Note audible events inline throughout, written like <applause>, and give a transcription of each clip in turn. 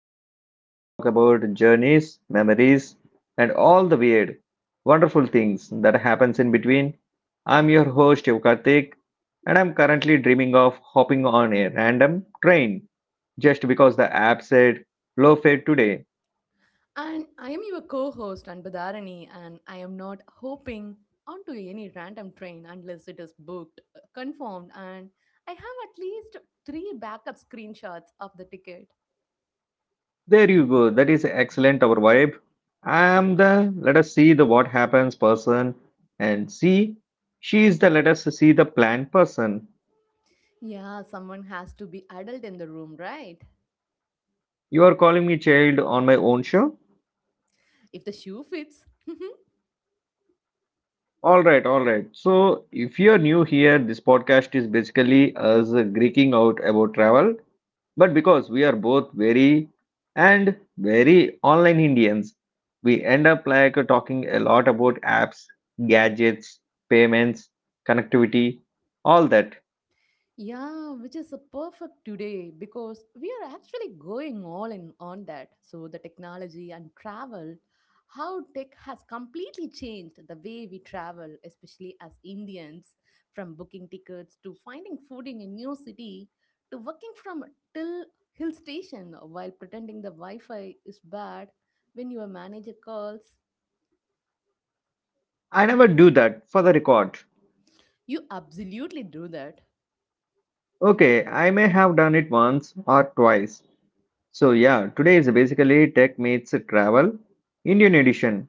show where we talk about journeys, memories, and all the weird, wonderful things that happens in between. I'm your host Yukartik, and I'm currently dreaming of hopping on a random train just because the app said low fare today. And I am your co host, Anbadharani, and I am not hopping onto any random train unless it is booked, confirmed, and I have at least three backup screenshots of the ticket. There you go. That is excellent. Our vibe. I'm the let us see the what happens person, and see, she is the let us see the plan person. Yeah, someone has to be adult in the room, right? You are calling me child on my own show. If the shoe fits. <laughs> All right, all right. So, if you're new here, this podcast is basically us geeking out about travel. But because we are both very and very online Indians, we end up talking a lot about apps, gadgets, payments, connectivity, all that. Yeah, which is a perfect today because we are actually going all in on that. So, the technology and travel, how tech has completely changed the way we travel, especially as Indians, from booking tickets to finding food in a new city to working from till hill station while pretending the Wi Fi is bad when your manager calls. I never do that for the record. You absolutely do that. Okay, I may have done it once or twice. So, yeah, today is basically Tech Meets Travel, Indian edition.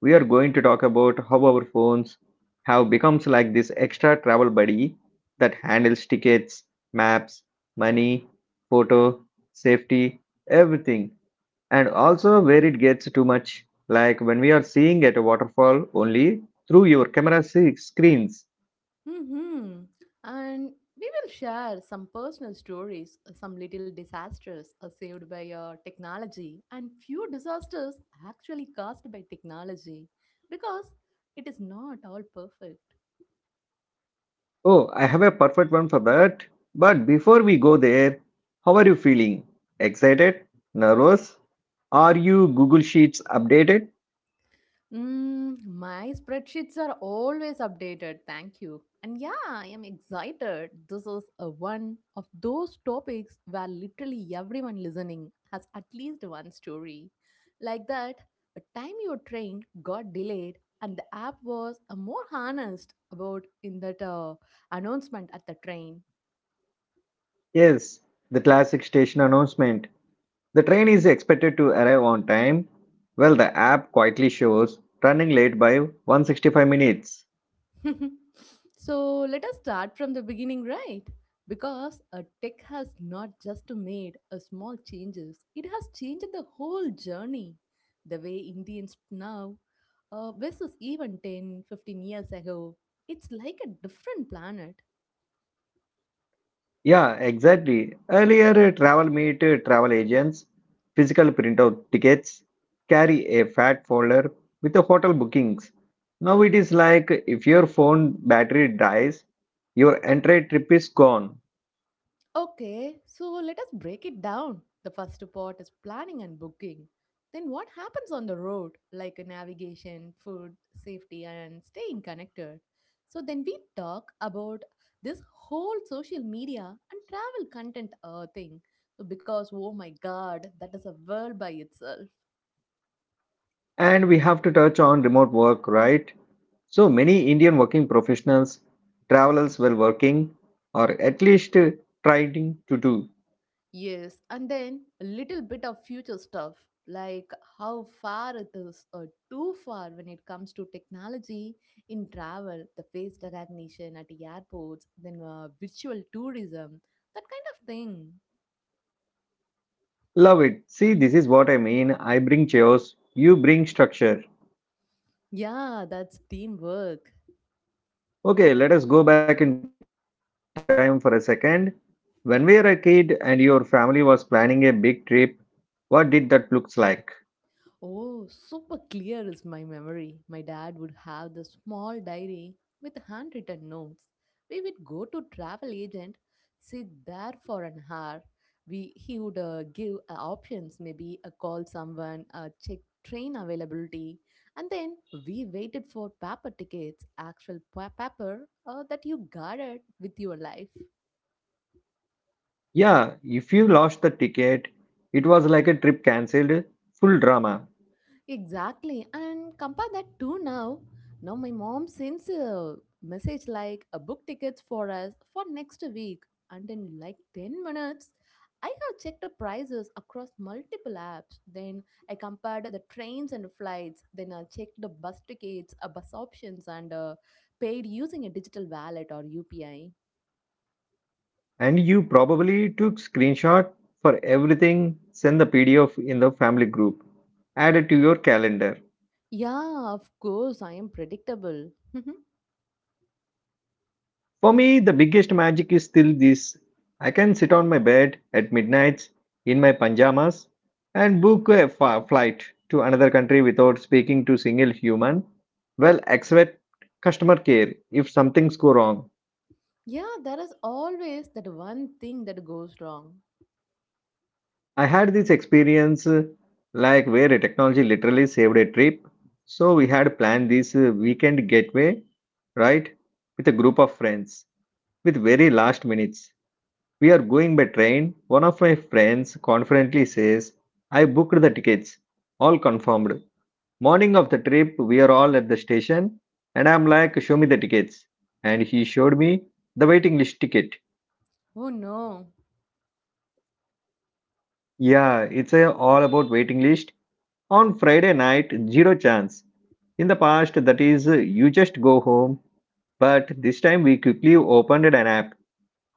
We are going to talk about how our phones have becomes like this extra travel buddy that handles tickets, maps, money, photo, safety, everything. And also where it gets too much, like when we are seeing at a waterfall only through your screens. hmm And we will share some personal stories, some little disasters are saved by your technology, and few disasters actually caused by technology because it is not all perfect. Oh, I have a perfect one for that. But before we go there, how are you feeling? Excited? Nervous? Are you Google Sheets updated? My spreadsheets are always updated. Thank you. And yeah, I am excited. This is a one of those topics where literally everyone listening has at least one story. Like that, a time your train got delayed and the app was a more honest about in that announcement at the train. Yes, the classic station announcement. The train is expected to arrive on time. Well, the app quietly shows running late by 165 minutes. <laughs> So let us start from the beginning, right? Because a tech has not just made a small changes; it has changed the whole journey. The way Indians now versus even 10, 15 years ago, it's like a different planet. Yeah, exactly. Earlier, travel meet travel agents, physical printout tickets, carry a fat folder with the hotel bookings. Now it is like if your phone battery dies, your entire trip is gone. Okay, so let us break it down. The first part is planning and booking. Then what happens on the road, like navigation, food, safety, and staying connected. So then we talk about this whole social media and travel content thing. So because oh my god, that is a world by itself. And we have to touch on remote work, right? So many Indian working professionals, travelers were working or at least trying to do. Yes, and then a little bit of future stuff like how far it is or too far when it comes to technology in travel, the face recognition at the airports, then virtual tourism, that kind of thing. Love it. See, this is what I mean. I bring chaos, you bring structure. Yeah, that's teamwork. Okay, let us go back in time for a second. When we were a kid and your family was planning a big trip, what did that looks like? Oh, super clear is my memory. My dad would have the small diary with handwritten notes. We would go to travel agent, sit there for an hour. We he would give options, maybe call someone, check train availability, and then we waited for paper tickets, actual paper that you guarded with your life. Yeah, if you lost the ticket, it was like a trip cancelled, full drama. Exactly. And compare that to now. Now my mom sends a message like a book tickets for us for next week. And in like 10 minutes, I have checked the prices across multiple apps. Then I compared the trains and flights. Then I checked the bus tickets, bus options, and paid using a digital wallet or UPI. And you probably took screenshot for everything, send the PDF in the family group, add it to your calendar. Yeah, of course, I am predictable. <laughs> For me, the biggest magic is still this. I can sit on my bed at midnight in my pajamas and book a flight to another country without speaking to single human. Well, except customer care if something's go wrong. Yeah, there is always that one thing that goes wrong. I had this experience like where a technology literally saved a trip. So we had planned this weekend getaway, right? With a group of friends with very last minutes. We are going by train. One of my friends confidently says, I booked the tickets, all confirmed. Morning of the trip, we are all at the station, and I'm like, Show me the tickets. And he showed me the waiting list ticket. Oh no. Yeah, it's a all about waiting list. On Friday night, zero chance. In the past, that is, you just go home. But this time, we quickly opened an app,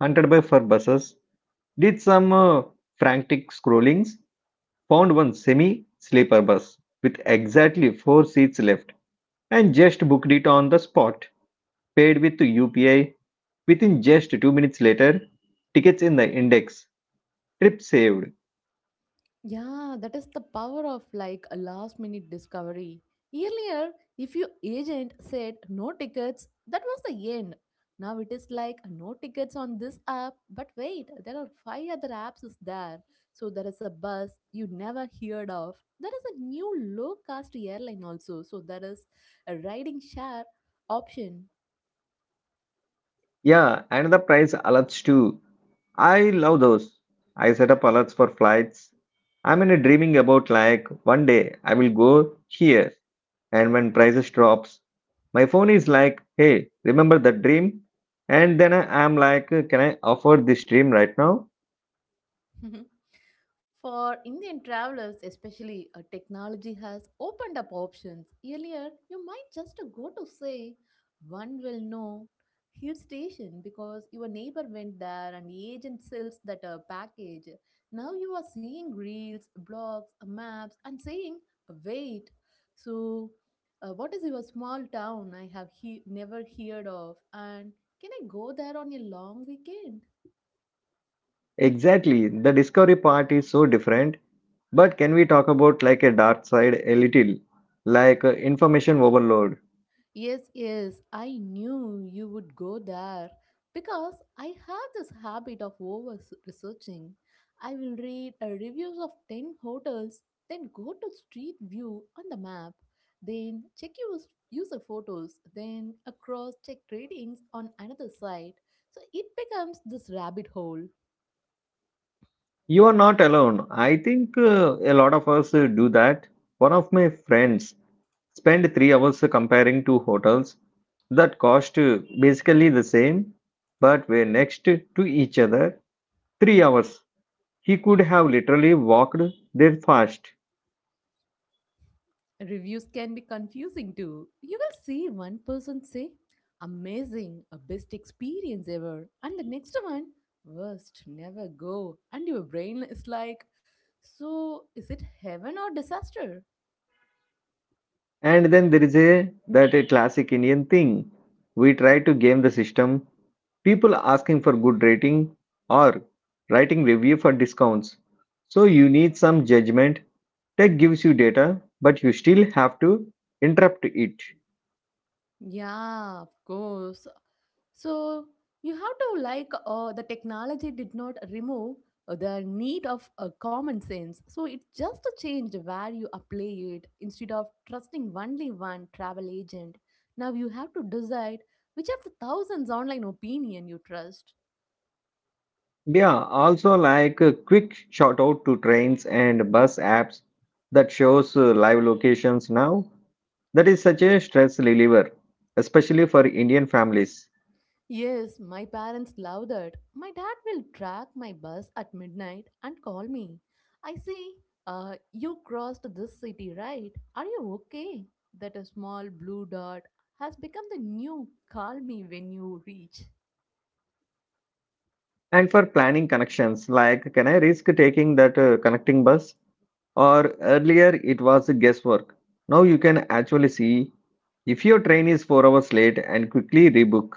hunted by for buses, did some frantic scrollings, found one semi sleeper bus with exactly four seats left, and just booked it on the spot. Paid with UPI. Within just 2 minutes later, tickets in the index, trip saved. Yeah, that is the power of like a last minute discovery. Earlier, if your agent said no tickets, that was the end. Now it is like no tickets on this app, but wait, there are five other apps is there. So there is a bus you never heard of. There is a new low cost airline also. So there is a riding share option. Yeah, and the price alerts too. I love those. I set up alerts for flights. I'm in a dreaming about like one day I will go here, and when prices drops, my phone is like, hey, remember that dream? And then I am like, can I afford this dream right now? <laughs> For Indian travelers, especially, technology has opened up options. Earlier, you might just go to, say, one will know hill station because your neighbor went there and the agent sells that package. Now you are seeing reels, blogs, maps, and saying, wait. So, what is your small town I have never heard of? And can I go there on a long weekend? Exactly. The discovery part is so different. But can we talk about like a dark side a little? Like information overload. Yes, yes, I knew you would go there because I have this habit of over researching. I will read reviews of 10 hotels, then go to street view on the map, then check user photos, then across check ratings on another site. So it becomes this rabbit hole. You are not alone. I think a lot of us do that. One of my friends spent 3 hours comparing two hotels that cost basically the same but were next to each other. 3 hours. He could have literally walked there fast. Reviews can be confusing too. You will see one person say, amazing, a best experience ever, and the next one, worst, never go. And your brain is like, so is it heaven or disaster? And then there is a that a classic Indian thing. We try to game the system. People asking for good rating or writing review for discounts. So you need some judgment. Tech gives you data, but you still have to interpret it. Yeah, of course. So you have to like the technology did not remove the need of common sense. So it just changed where you apply it. Instead of trusting only one travel agent, now you have to decide which of the thousands online opinion you trust. Yeah, also like a quick shout out to trains and bus apps that shows live locations now. That is such a stress reliever, especially for Indian families, Yes, my parents love that. My dad will track my bus at midnight and call me. I see, you crossed this city, right? Are you okay? That a small blue dot has become the new call me when you reach. and for planning connections. Like, can I risk taking that connecting bus? Or earlier it was guesswork. Now you can actually see if your train is 4 hours late and quickly rebook.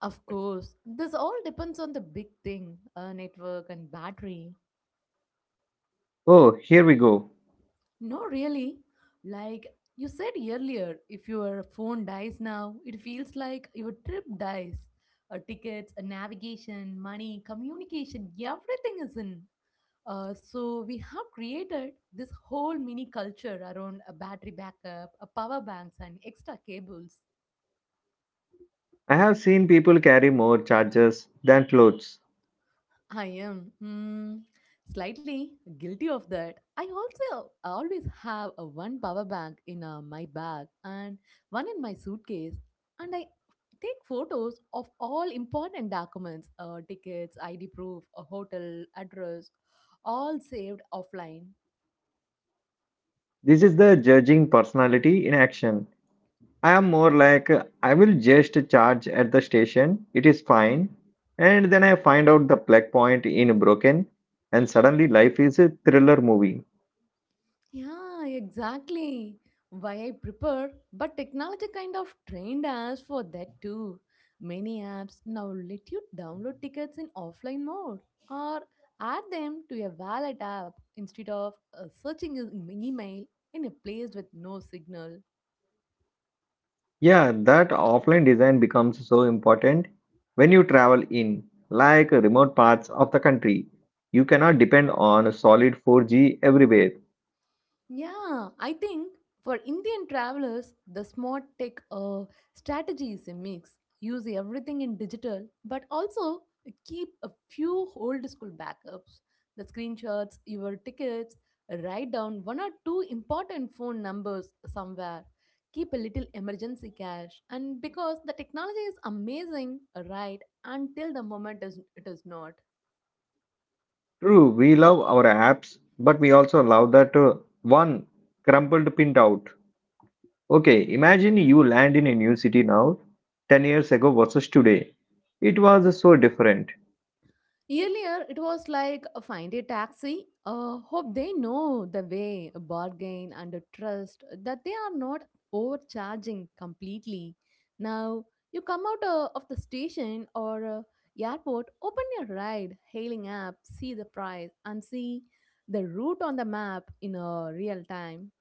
Of course, this all depends on the big thing network and battery. Oh, here we go. No, really. Like you said earlier, if your phone dies now, it feels like your trip dies. Tickets, navigation, money, communication, everything is in. So we have created this whole mini culture around a battery backup, a power banks, and extra cables. I have seen people carry more charges than clothes. I am slightly guilty of that. I also always have a one power bank in my bag and one in my suitcase, and I take photos of all important documents, tickets, ID proof, a hotel address, all saved offline. This is the judging personality in action. I am more like I will just charge at the station, it is fine. And then I find out the plug point in broken, and suddenly life is a thriller movie. Yeah, exactly. Why I prepare? But technology kind of trained us for that too. Many apps now let you download tickets in offline mode or add them to your wallet app instead of searching in email in a place with no signal. Yeah, that offline design becomes so important when you travel in like remote parts of the country. You cannot depend on solid 4G everywhere. Yeah, I think for Indian travelers, the smart tech strategy is a mix. Use everything in digital, but also keep a few old school backups the screenshots, your tickets, write down 1 or 2 important phone numbers somewhere. Keep a little emergency cash, and because the technology is amazing, right, until the moment is, it is not. True, we love our apps, but we also love that one crumpled printout. Okay, imagine you land in a new city now, 10 years ago versus today. It was so different. Earlier, it was like find a taxi, hope they know the way, bargain and trust that they are not overcharging completely. Now, you come out of the station or airport, open your ride hailing app, see the price, and see the route on the map in real time.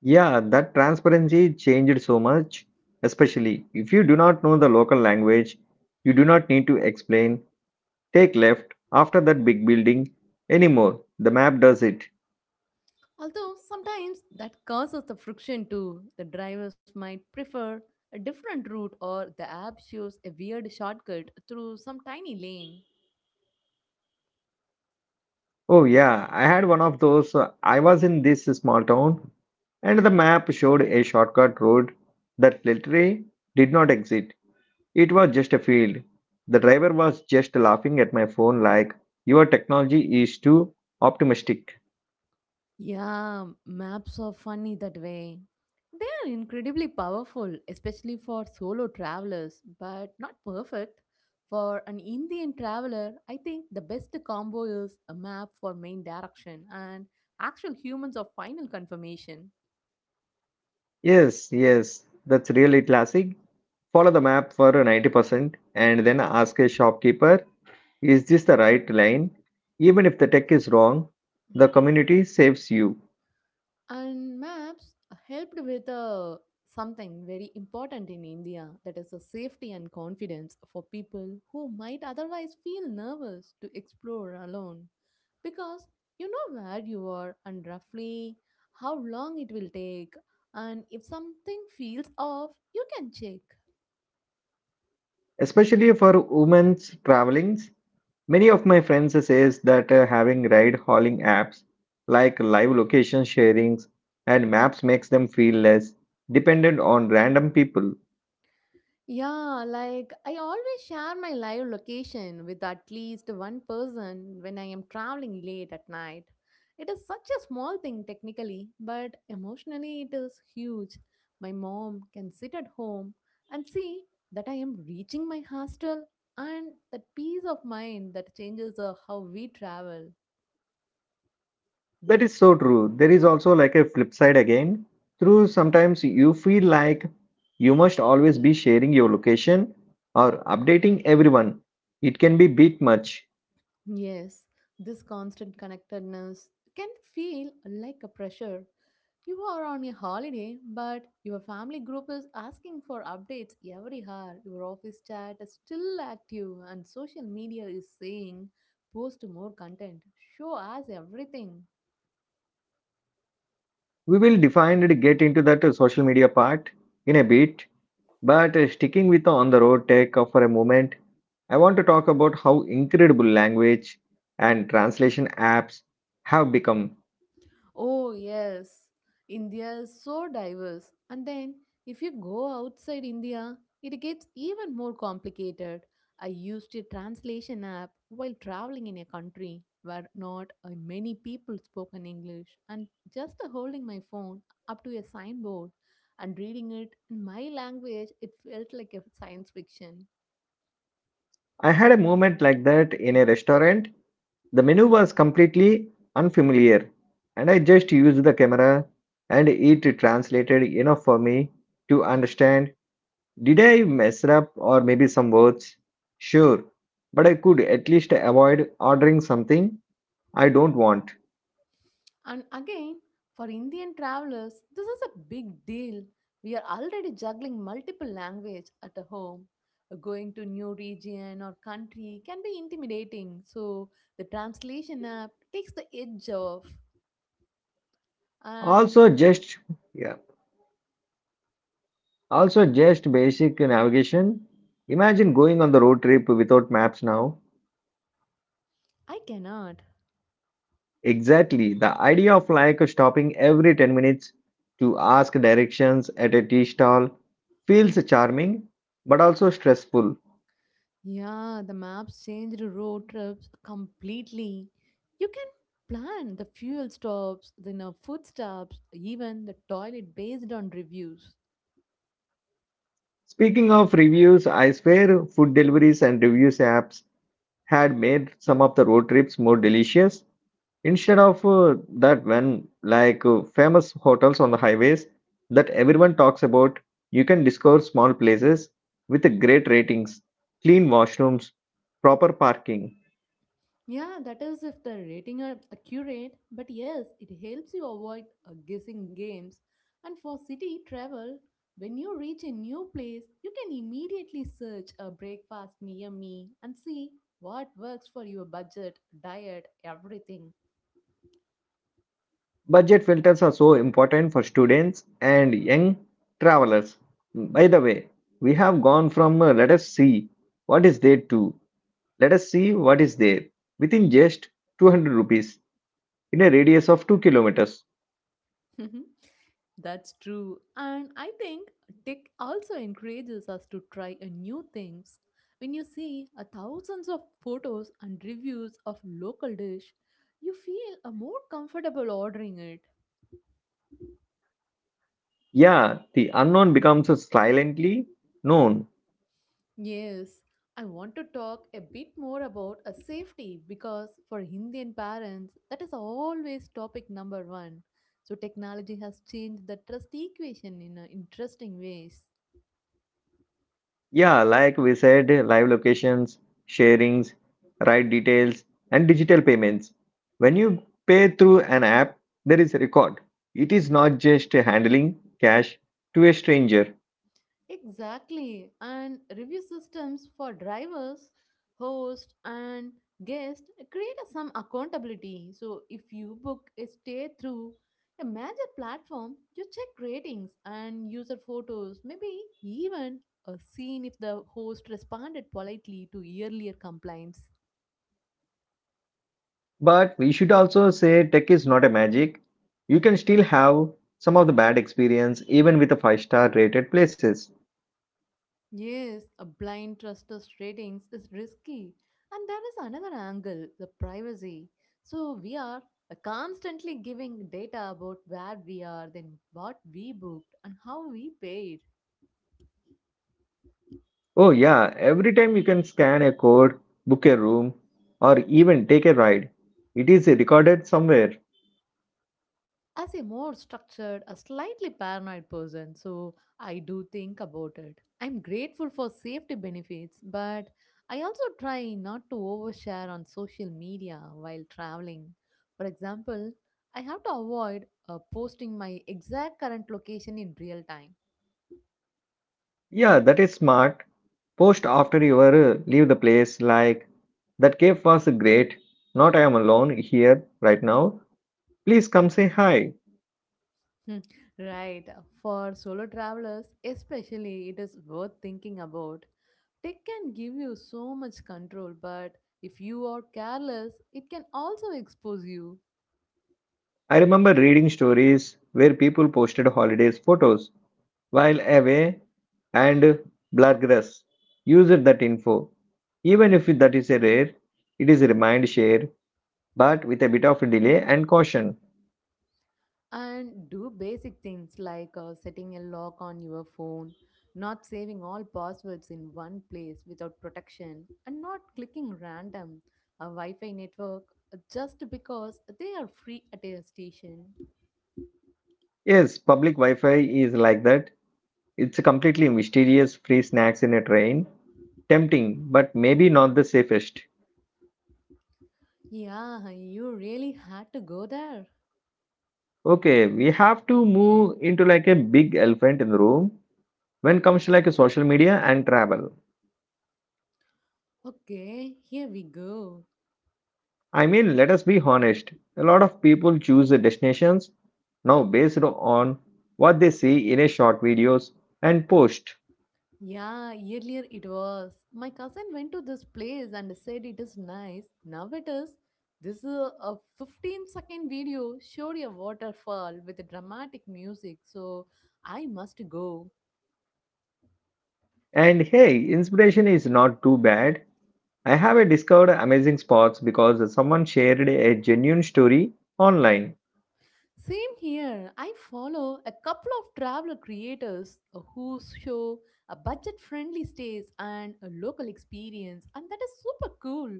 Yeah, that transparency changed so much, especially if you do not know the local language, you do not need to explain, take left after that big building anymore. The map does it. Although sometimes that causes the friction too, the drivers might prefer a different route or the app shows a weird shortcut through some tiny lane. Oh, yeah, I had one of those. I was in this small town, and the map showed a shortcut road that literally did not exist. It was just a field. The driver was just laughing at my phone, like, Your technology is too optimistic. Yeah, maps are funny that way. They are incredibly powerful, especially for solo travelers, but not perfect. For an Indian traveler, I think the best combo is a map for main direction and actual humans of final confirmation. Yes, yes, that's really classic. Follow the map for 90% and then ask a shopkeeper, Is this the right lane? Even if the tech is wrong, the community saves you. And maps helped with something very important in India that is the safety and confidence for people who might otherwise feel nervous to explore alone because you know where you are and roughly how long it will take and if something feels off you can check. Especially for women's travelings. Many of my friends says that having ride hauling apps like live location sharings and maps makes them feel less dependent on random people. Yeah, like I always share my live location with at least one person when I am traveling late at night. It is such a small thing technically, but emotionally it is huge. My mom can sit at home and see that I am reaching my hostel and that peace of mind that changes how we travel. That is so true. There is also like a flip side again. Through sometimes you feel like you must always be sharing your location or updating everyone. It can be bit much. Yes, this constant connectedness can feel like a pressure. You are on a holiday, but your family group is asking for updates every hour. Your office chat is still active, and social media is saying post more content, show us everything. We will define and get into that social media part in a bit. But sticking with on the road tech for a moment, I want to talk about how incredible language and translation apps have become. Oh, yes. India is so diverse. And then, if you go outside India, it gets even more complicated. I used a translation app while traveling in a country where not many people spoke in English, and just holding my phone up to a signboard and reading it in my language, it felt like a science fiction. I had a moment like that in a restaurant. The menu was completely unfamiliar, and I just used the camera and it translated enough for me to understand, did I mess up or maybe some words? Sure, but I could at least avoid ordering something I don't want. And again, for Indian travelers, this is a big deal. We are already juggling multiple language at a home. Going to new region or country can be intimidating, so the translation app takes the edge off. And Also, just yeah. Also, just basic navigation. Imagine going on the road trip without maps now. I cannot. Exactly. The idea of like stopping every 10 minutes to ask directions at a tea stall feels charming but also stressful. Yeah, the maps change the road trips completely. You can plan the fuel stops, the you know, food stops, even the toilet based on reviews. Speaking of reviews, I swear food deliveries and reviews apps had made some of the road trips more delicious. Instead of that, when like famous hotels on the highways that everyone talks about, you can discover small places with great ratings, clean washrooms, proper parking. Yeah, that is if the rating are accurate, but yes, it helps you avoid guessing games. And for city travel, when you reach a new place, you can immediately search a breakfast near me and see what works for your budget, diet, everything. Budget filters are so important for students and young travelers. By the way, we have gone from let us see what is there to let us see what is there within just 200 rupees in a radius of 2 kilometers. Mhm. That's true. And I think tech also encourages us to try a new things. When you see a thousands of photos and reviews of local dish, you feel a more comfortable ordering it. Yeah, the unknown becomes silently known. Yes, I want to talk a bit more about a safety because for Indian parents that is always topic number 1. So technology has changed the trust equation in interesting ways. Yeah, like we said, live locations, sharings, ride details, and digital payments. When you pay through an app, there is a record. It is not just handling cash to a stranger. Exactly, and review systems for drivers, host, and guest create some accountability. So if you book a stay through a major platform, you check ratings and user photos, maybe even a scene if the host responded politely to earlier complaints. But we should also say tech is not a magic. You can still have some of the bad experience even with the 5-star rated places. Yes, a blind trust of ratings is risky. And there is another angle, the privacy. So we are constantly giving data about where we are, then what we booked and how we paid. Oh, yeah, every time you can scan a code, book a room, or even take a ride, it is recorded somewhere. As a more structured, a slightly paranoid person, so I do think about it. I'm grateful for safety benefits, but I also try not to overshare on social media while traveling. For example, I have to avoid posting my exact current location in real time. Yeah, that is smart. Post after you leave the place, like, that cave was great. Not I am alone here right now. Please come say hi. Hmm. Right. For solo travelers, especially, it is worth thinking about. Tech can give you so much control, but if you are careless, it can also expose you. I remember reading stories where people posted holidays photos while away and Bloodgrass used that info. Even if that is a rare, it is a remind share but with a bit of delay and caution. And do basic things like setting a lock on your phone, not saving all passwords in one place without protection, and not clicking random a Wi Fi network just because they are free at a station. Yes, public Wi Fi is like that. It's a completely mysterious free snacks in a train. Tempting, but maybe not the safest. Yeah, you really had to go there. Okay, we have to move into like a big elephant in the room when comes to like a social media and travel. Okay, here we go. I mean, let us be honest. A lot of people choose the destinations now based on what they see in a short videos and post. Yeah, earlier it was: my cousin went to this place and said it is nice. Now it is. This is a 15-second video showed a waterfall with dramatic music, so I must go. And hey, inspiration is not too bad. I have a discovered amazing spots because someone shared a genuine story online. Same here. I follow a couple of traveler creators who show a budget friendly stays and a local experience, and that is super cool,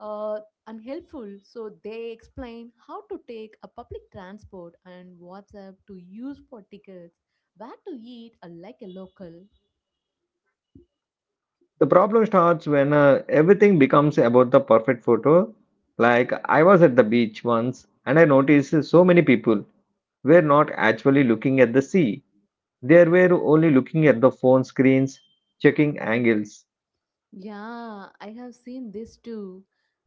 uh, and helpful. So, they explain how to take a public transport and WhatsApp to use for tickets, where to eat like a local. The problem starts when everything becomes about the perfect photo. Like, I was at the beach once and I noticed so many people were not actually looking at the sea. They were only looking at the phone screens, checking angles. Yeah, I have seen this too.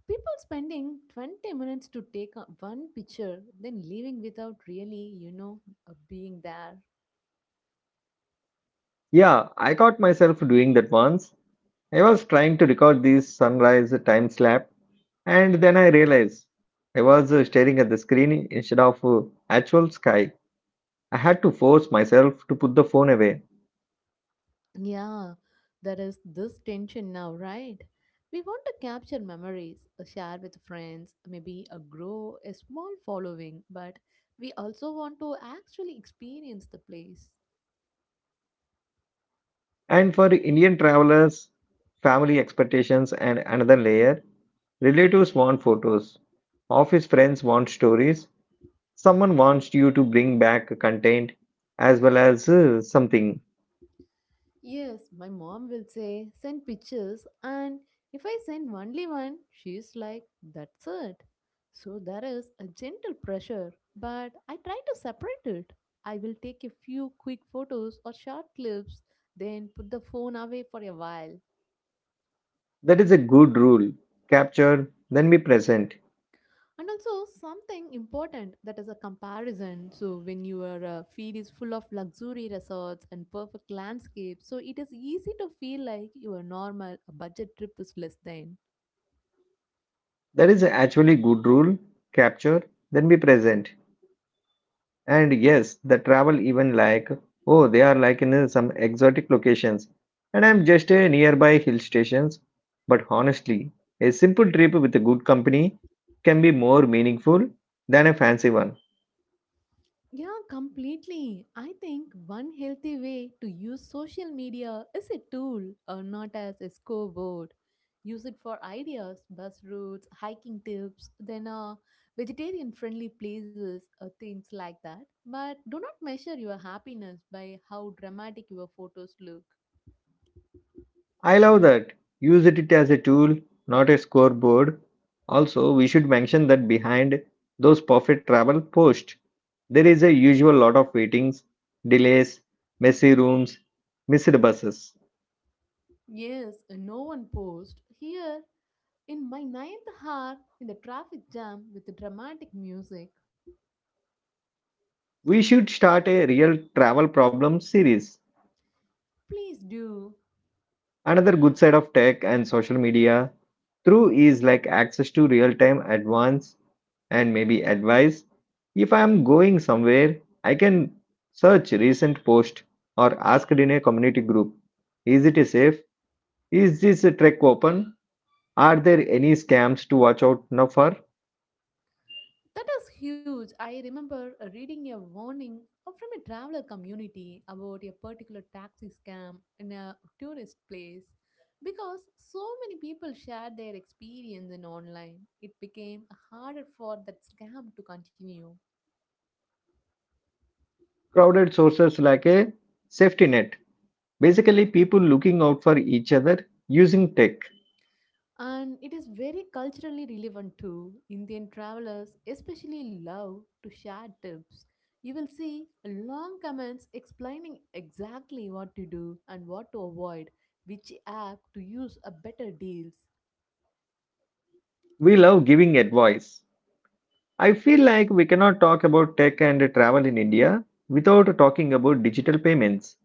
People spending 20 minutes to take one picture, then leaving without really, being there. Yeah, I caught myself doing that once. I was trying to record this sunrise time slap. And then I realized I was staring at the screen instead of actual sky. I had to force myself to put the phone away. Yeah, there is this tension now, right? We want to capture memories, share with friends, maybe grow a small following, but we also want to actually experience the place. And for Indian travelers, family expectations and another layer, relatives want photos, office friends want stories, someone wants you to bring back content as well as something. Yes, my mom will say, send pictures, and if I send only one, she's like, that's it. So there is a gentle pressure, but I try to separate it. I will take a few quick photos or short clips, then put the phone away for a while. That is a good rule. Capture, then be present. And also something important that is a comparison, so when your feed is full of luxury resorts and perfect landscapes, so it is easy to feel like your normal budget trip is less than. That is actually good rule. Capture, then be present. And yes, the travel even like, oh, they are like in some exotic locations, and I'm just a nearby hill stations. But honestly, a simple trip with a good company can be more meaningful than a fancy one. Yeah, completely. I think one healthy way to use social media is a tool or not as a scoreboard. Use it for ideas, bus routes, hiking tips, then vegetarian friendly places, things like that. But do not measure your happiness by how dramatic your photos look. I love that. Use it as a tool, not a scoreboard. Also, we should mention that behind those perfect travel posts, there is a usual lot of waitings, delays, messy rooms, missed buses. Yes, no one post. Here, in my ninth hour, in the traffic jam with the dramatic music. We should start a real travel problem series. Please do. Another good side of tech and social media through is like access to real time advance and maybe advice. If I am going somewhere, I can search recent post or ask it in a community group. Is it safe? Is this trek open? Are there any scams to watch out now for? That is huge. I remember reading a warning from a traveler community about a particular taxi scam in a tourist place. Because so many people shared their experience in online, it became harder for that scam to continue. Crowded sources like a safety net. Basically, people looking out for each other using tech. And it is very culturally relevant too. Indian travelers especially love to share tips. You will see long comments explaining exactly what to do and what to avoid, which app to use a better deals. We love giving advice. I feel like we cannot talk about tech and travel in India without talking about digital payments.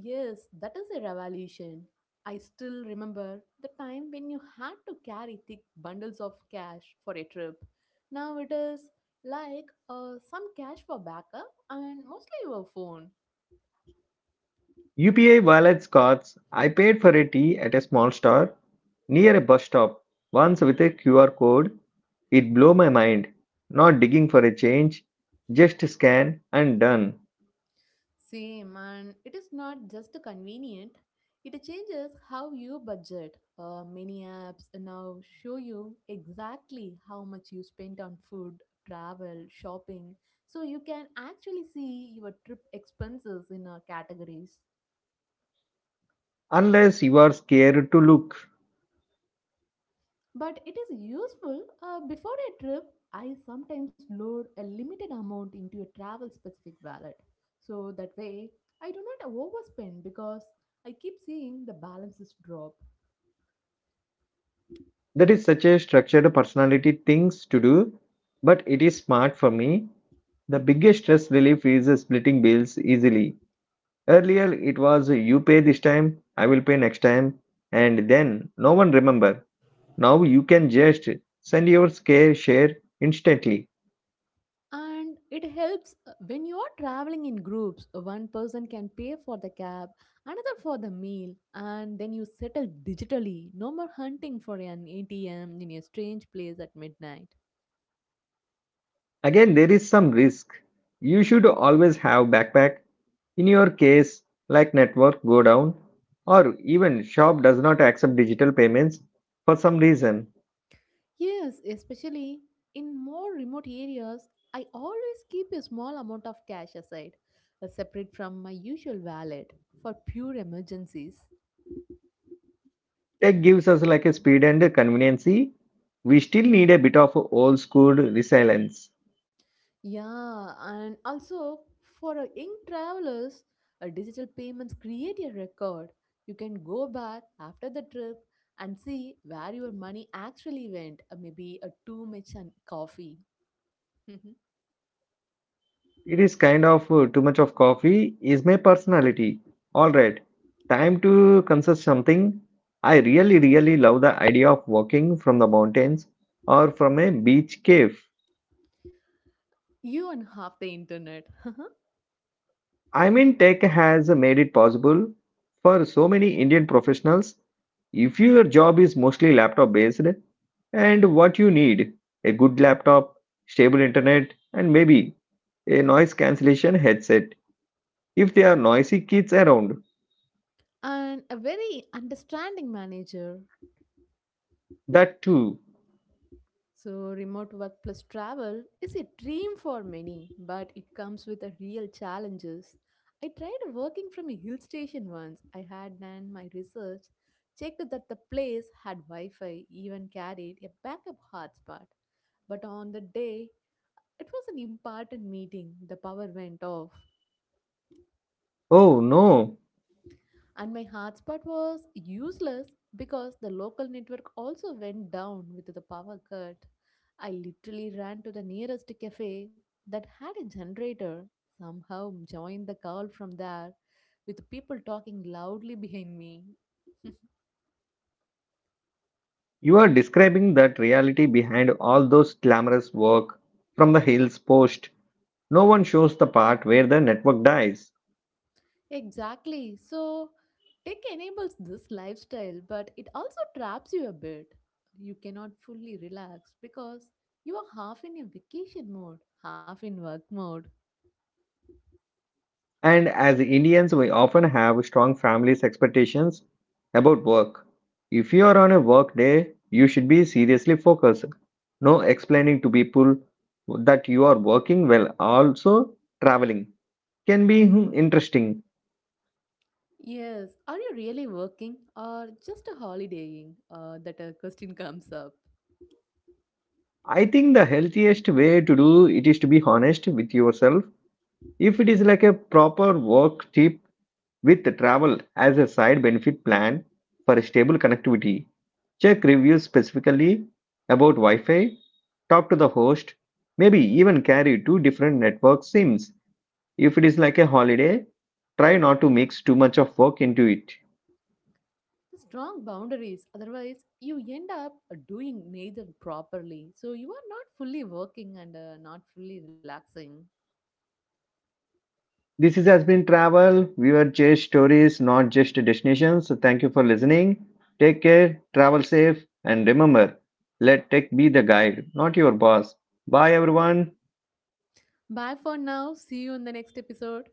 Yes, that is a revolution. I still remember the time when you had to carry thick bundles of cash for a trip. Now it is like some cash for backup and mostly your phone. UPI wallets cards. I paid for a tea at a small store near a bus stop once with a QR code. It blew my mind. Not digging for a change, just scan and done. Same, and it is not just convenient, it changes how you budget. Many apps now show you exactly how much you spent on food, travel, shopping, so you can actually see your trip expenses in categories. Unless you are scared to look. But it is useful, before a trip, I sometimes load a limited amount into a travel specific wallet. So that way, I do not overspend because I keep seeing the balances drop. That is such a structured personality things to do, but it is smart for me. The biggest stress relief is splitting bills easily. Earlier it was you pay this time, I will pay next time, and then no one remember. Now you can just send your scare share instantly. And it helps when you are traveling in groups, one person can pay for the cab, another for the meal, and then you settle digitally. No more hunting for an atm in a strange place at midnight. Again, there is some risk. You should always have backpack. In your case, like network go down or even shop does not accept digital payments for some reason. Yes, especially in more remote areas, I always keep a small amount of cash aside, separate from my usual wallet, for pure emergencies. Tech gives us like a speed and a conveniency. We still need a bit of old school resilience. Yeah, and also for young travelers, digital payments create a record. You can go back after the trip and see where your money actually went. Maybe a two much and coffee. <laughs> It is kind of too much of coffee is my personality. All right, time to consult something. I really, really love the idea of walking from the mountains or from a beach cave. You and half the internet. <laughs> I mean, tech has made it possible for so many Indian professionals. If your job is mostly laptop based and what you need a good laptop, stable internet, and maybe a noise cancellation headset if there are noisy kids around, And a very understanding manager. that too. So, remote work plus travel is a dream for many, but it comes with a real challenges. I tried working from a hill station once. I had done my research, checked that the place had Wi Fi, even carried a backup hotspot. But on the day, it was an important meeting, the power went off. Oh no, And my hotspot was useless because the local network also went down with the power cut. I literally ran to the nearest cafe that had a generator, somehow joined the call from there with people talking loudly behind me. you are describing that reality behind all those glamorous work from the hills post. No one shows the part where the network dies. Exactly. So, tech enables this lifestyle, but it also traps you a bit. You cannot fully relax because you are half in a vacation mode, half in work mode. And as Indians, we often have strong families' expectations about work. If you are on a work day, you should be seriously focused. No explaining to people that you are working while also traveling can be, hmm, interesting. Yes, are you really working or just a holidaying? That a question comes up. I think the healthiest way to do it is to be honest with yourself. If it is like a proper work trip with travel as a side benefit plan for a stable connectivity, check reviews specifically about Wi Fi, talk to the host, maybe even carry two different network SIMs. If it is like a holiday, try not to mix too much of work into it. The strong boundaries, otherwise, you end up doing neither properly. So, you are not fully working and not fully relaxing. This is, has been travel. We were just stories, not just destinations. So thank you for listening. Take care, travel safe, and remember, let tech be the guide, not your boss. Bye, everyone. Bye for now. See you in the next episode.